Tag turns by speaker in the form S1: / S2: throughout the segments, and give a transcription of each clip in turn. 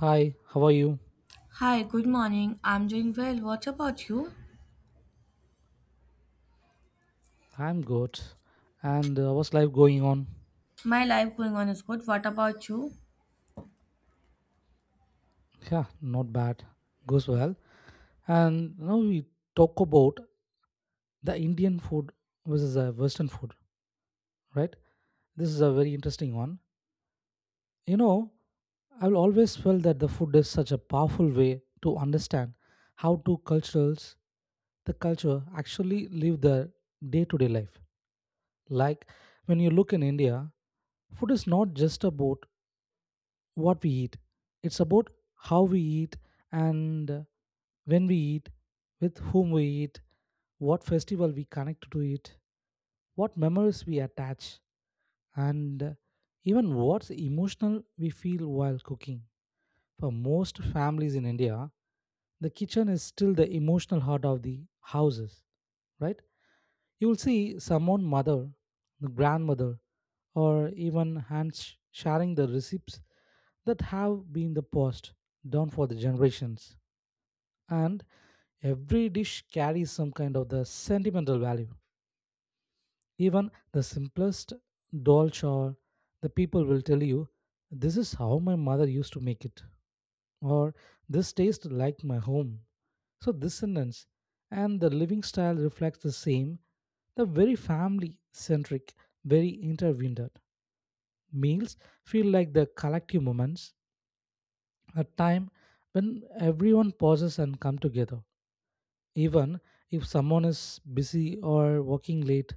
S1: Hi, how are you?
S2: Hi, good morning. I'm doing well. What about you?
S1: I'm good. And What's life going on?
S2: My life going on is good. What about you?
S1: Yeah, not bad. Goes well. And now we talk about the Indian food versus the Western food, right? This is a very interesting one. You know, I've always felt that the food is such a powerful way to understand how two cultures the culture actually live their day-to-day life. Like when you look in India, food is not just about what we eat. It's about how we eat and when we eat, with whom we eat, what festival we connect to it, what memories we attach, and even what emotional we feel while cooking. For most families in India, the kitchen is still the emotional heart of the houses, right? You will see someone mother, the grandmother, or even hands sharing the receipts that have been the passed down for the generations and every dish carries some kind of the sentimental value even the simplest dolch or the people will tell you this is how my mother used to make it or this tastes like my home so this sentence and the living style reflects the same the very family centric very intertwined meals feel like the collective moments, a time when everyone pauses and come together. Even if someone is busy or working late,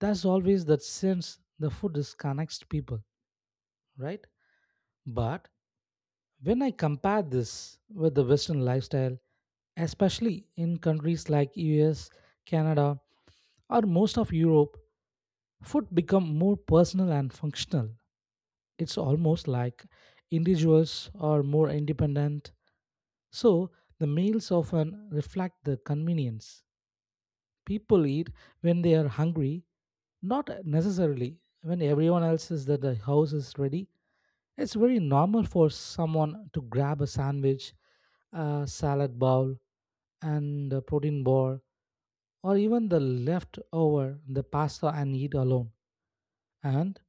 S1: there's always that sense the food disconnects people, right? But when I compare this with the Western lifestyle, especially in countries like US, Canada, or most of Europe, food become more personal and functional. It's almost like individuals are more independent, so the meals often reflect the convenience. People eat when they are hungry, not necessarily when everyone else is that the house is ready. It's very normal for someone to grab a sandwich, a salad bowl, and a protein bar, or even the leftover, the pasta, and eat alone. And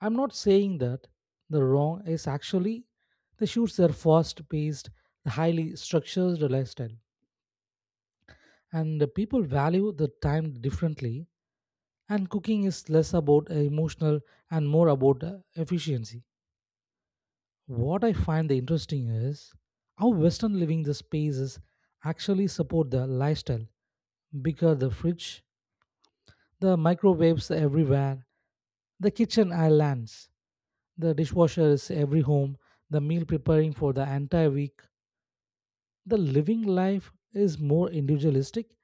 S1: I'm not saying that the wrong is actually the shoots their fast paced, highly structured lifestyle. And the people value the time differently, and cooking is less about emotional and more about efficiency. What I find the interesting is how Western living the spaces actually support the lifestyle. Bigger the fridge, the microwaves everywhere, the kitchen islands. The dishwasher is every home, the meal preparing for the entire week. The living life is more individualistic,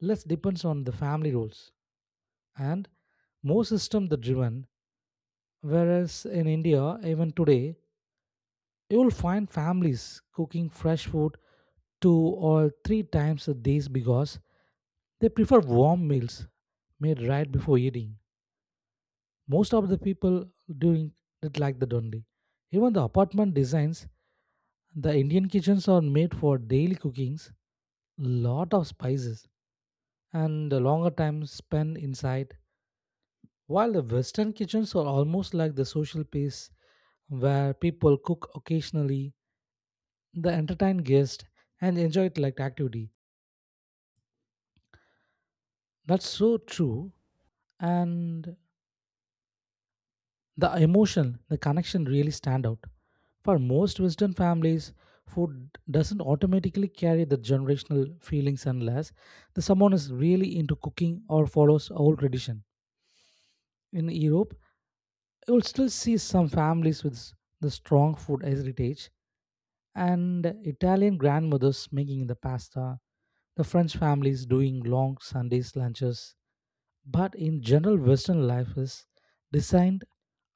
S1: less depends on the family roles, and more system the driven. Whereas in India, even today, you will find families cooking fresh food two or three times a day because they prefer warm meals made right before eating. Most of the people doing it like that only. Even the apartment designs the Indian kitchens are made for daily cookings, lot of spices, and a longer time spent inside, while the Western kitchens are almost like the social place where people cook occasionally, they entertain guests, and enjoy it like activity. That's so true, and the emotion, the connection really stand out. For most Western families, food doesn't automatically carry the generational feelings unless the someone is really into cooking or follows old tradition. In Europe, you'll still see some families with the strong food heritage and Italian grandmothers making the pasta, the French families doing long Sundays lunches. But in general, Western life is designed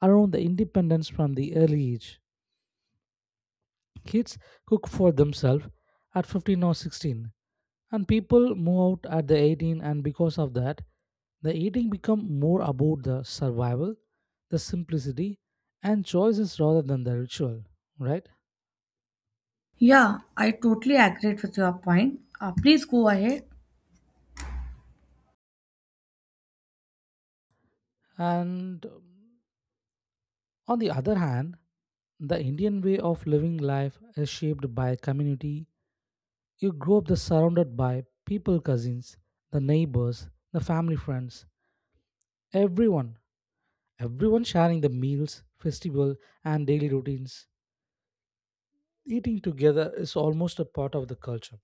S1: around the independence from the early age. Kids cook for themselves at 15 or 16, and people move out at the 18 and because of that, the eating become more about the survival, the simplicity and choices rather than the ritual, right?
S2: Yeah, I totally agree with your point. Please go ahead.
S1: And On the other hand, the Indian way of living life is shaped by community. You grow up the surrounded by people cousins, the neighbors, the family friends, everyone everyone sharing the meals, festival, and daily routines. Eating together is almost a part of the culture.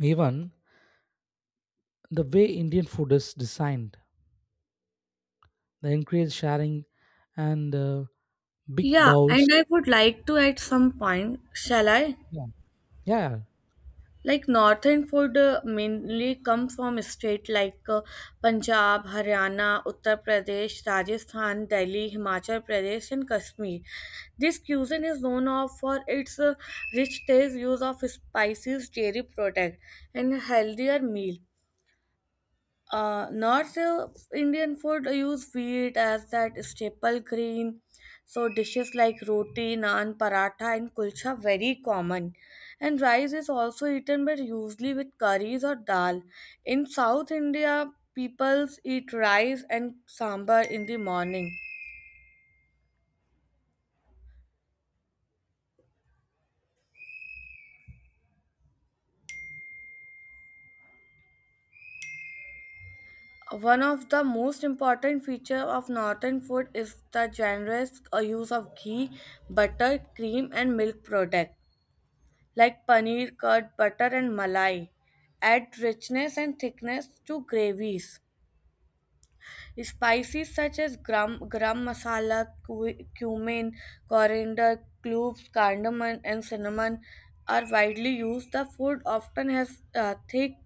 S1: Even the way Indian food is designed, they encourage sharing and big
S2: Yeah, and
S1: bowls.
S2: I would like to at some point, shall I?
S1: Yeah, yeah,
S2: Like northern food mainly comes from state like Punjab, Haryana, Uttar Pradesh, Rajasthan, Delhi, Himachal Pradesh, and Kashmir. This cuisine is known of for its rich taste, use of spices, dairy product, and healthier meal. North Indian food use wheat as that staple grain. So dishes like roti, naan, paratha, and kulcha very common. And rice is also eaten, but usually with curries or dal. In South India, peoples eat rice and sambar in the morning. One of the most important feature of northern food is the generous use of ghee, butter, cream, and milk products. Like paneer, curd, butter, and malai. Add richness and thickness to gravies. Spices such as gram, garam masala, cumin, coriander, cloves, cardamom, and cinnamon are widely used. The food often has thick,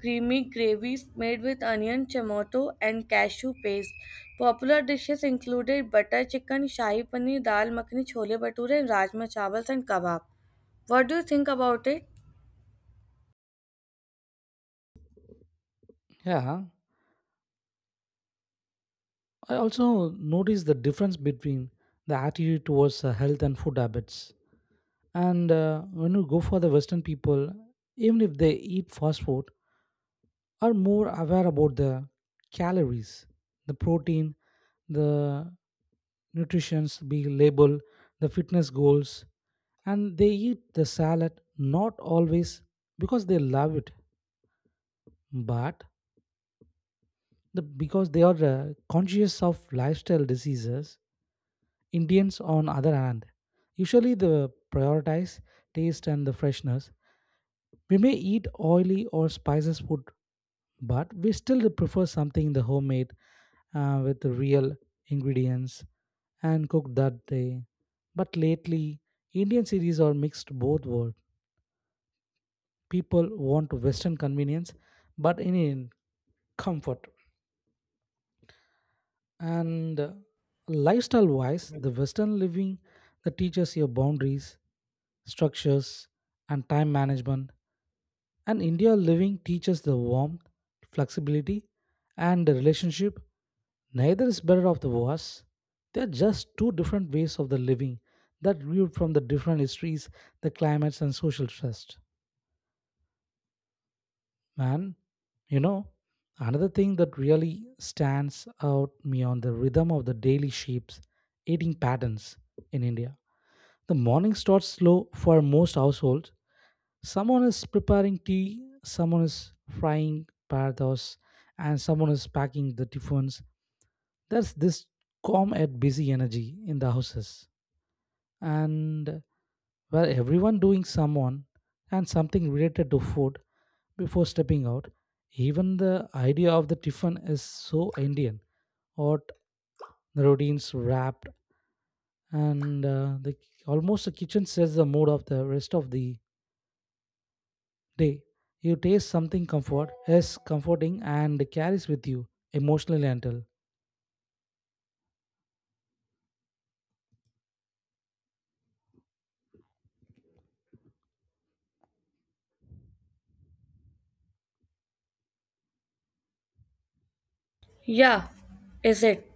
S2: creamy gravies made with onion, tomato, and cashew paste. Popular dishes included butter chicken, shahi paneer, dal makhani, chole bhature, and rajma chawals and kebab. What do you think about it?
S1: yeah. I also notice the difference between the attitude towards health and food habits. And When you go for the Western people, even if they eat fast food, are more aware about the calories, the protein, the nutrition's be label, the fitness goals, and they eat the salad not always because they love it, but the, because they are conscious of lifestyle diseases. Indians, on other hand, usually they prioritize taste and the freshness, we may eat oily or spices food, but we still prefer something the homemade with the real ingredients and cooked that day. But lately, Indian series are mixed both world. People want Western convenience, but in comfort and lifestyle wise the western living that teaches your boundaries structures and time management and India living teaches the warmth, flexibility, and the relationship. Neither is better of the worse. They are just two different ways of the living that grew from the different histories, the climates, and social trust. Man, you know, another thing that really stands out me on the rhythm of the daily shapes, eating patterns in India. The morning starts slow for most households, someone is preparing tea, someone is frying parados, and someone is packing the tiffins. There's this calm and busy energy in the houses, and where everyone doing someone and something related to food before stepping out. Even the idea of the tiffin is so Indian, or the routines wrapped, and the almost the kitchen sets the mood of the rest of the day. You taste something comfort is comforting and carries with you emotionally until.
S2: Yeah, is it?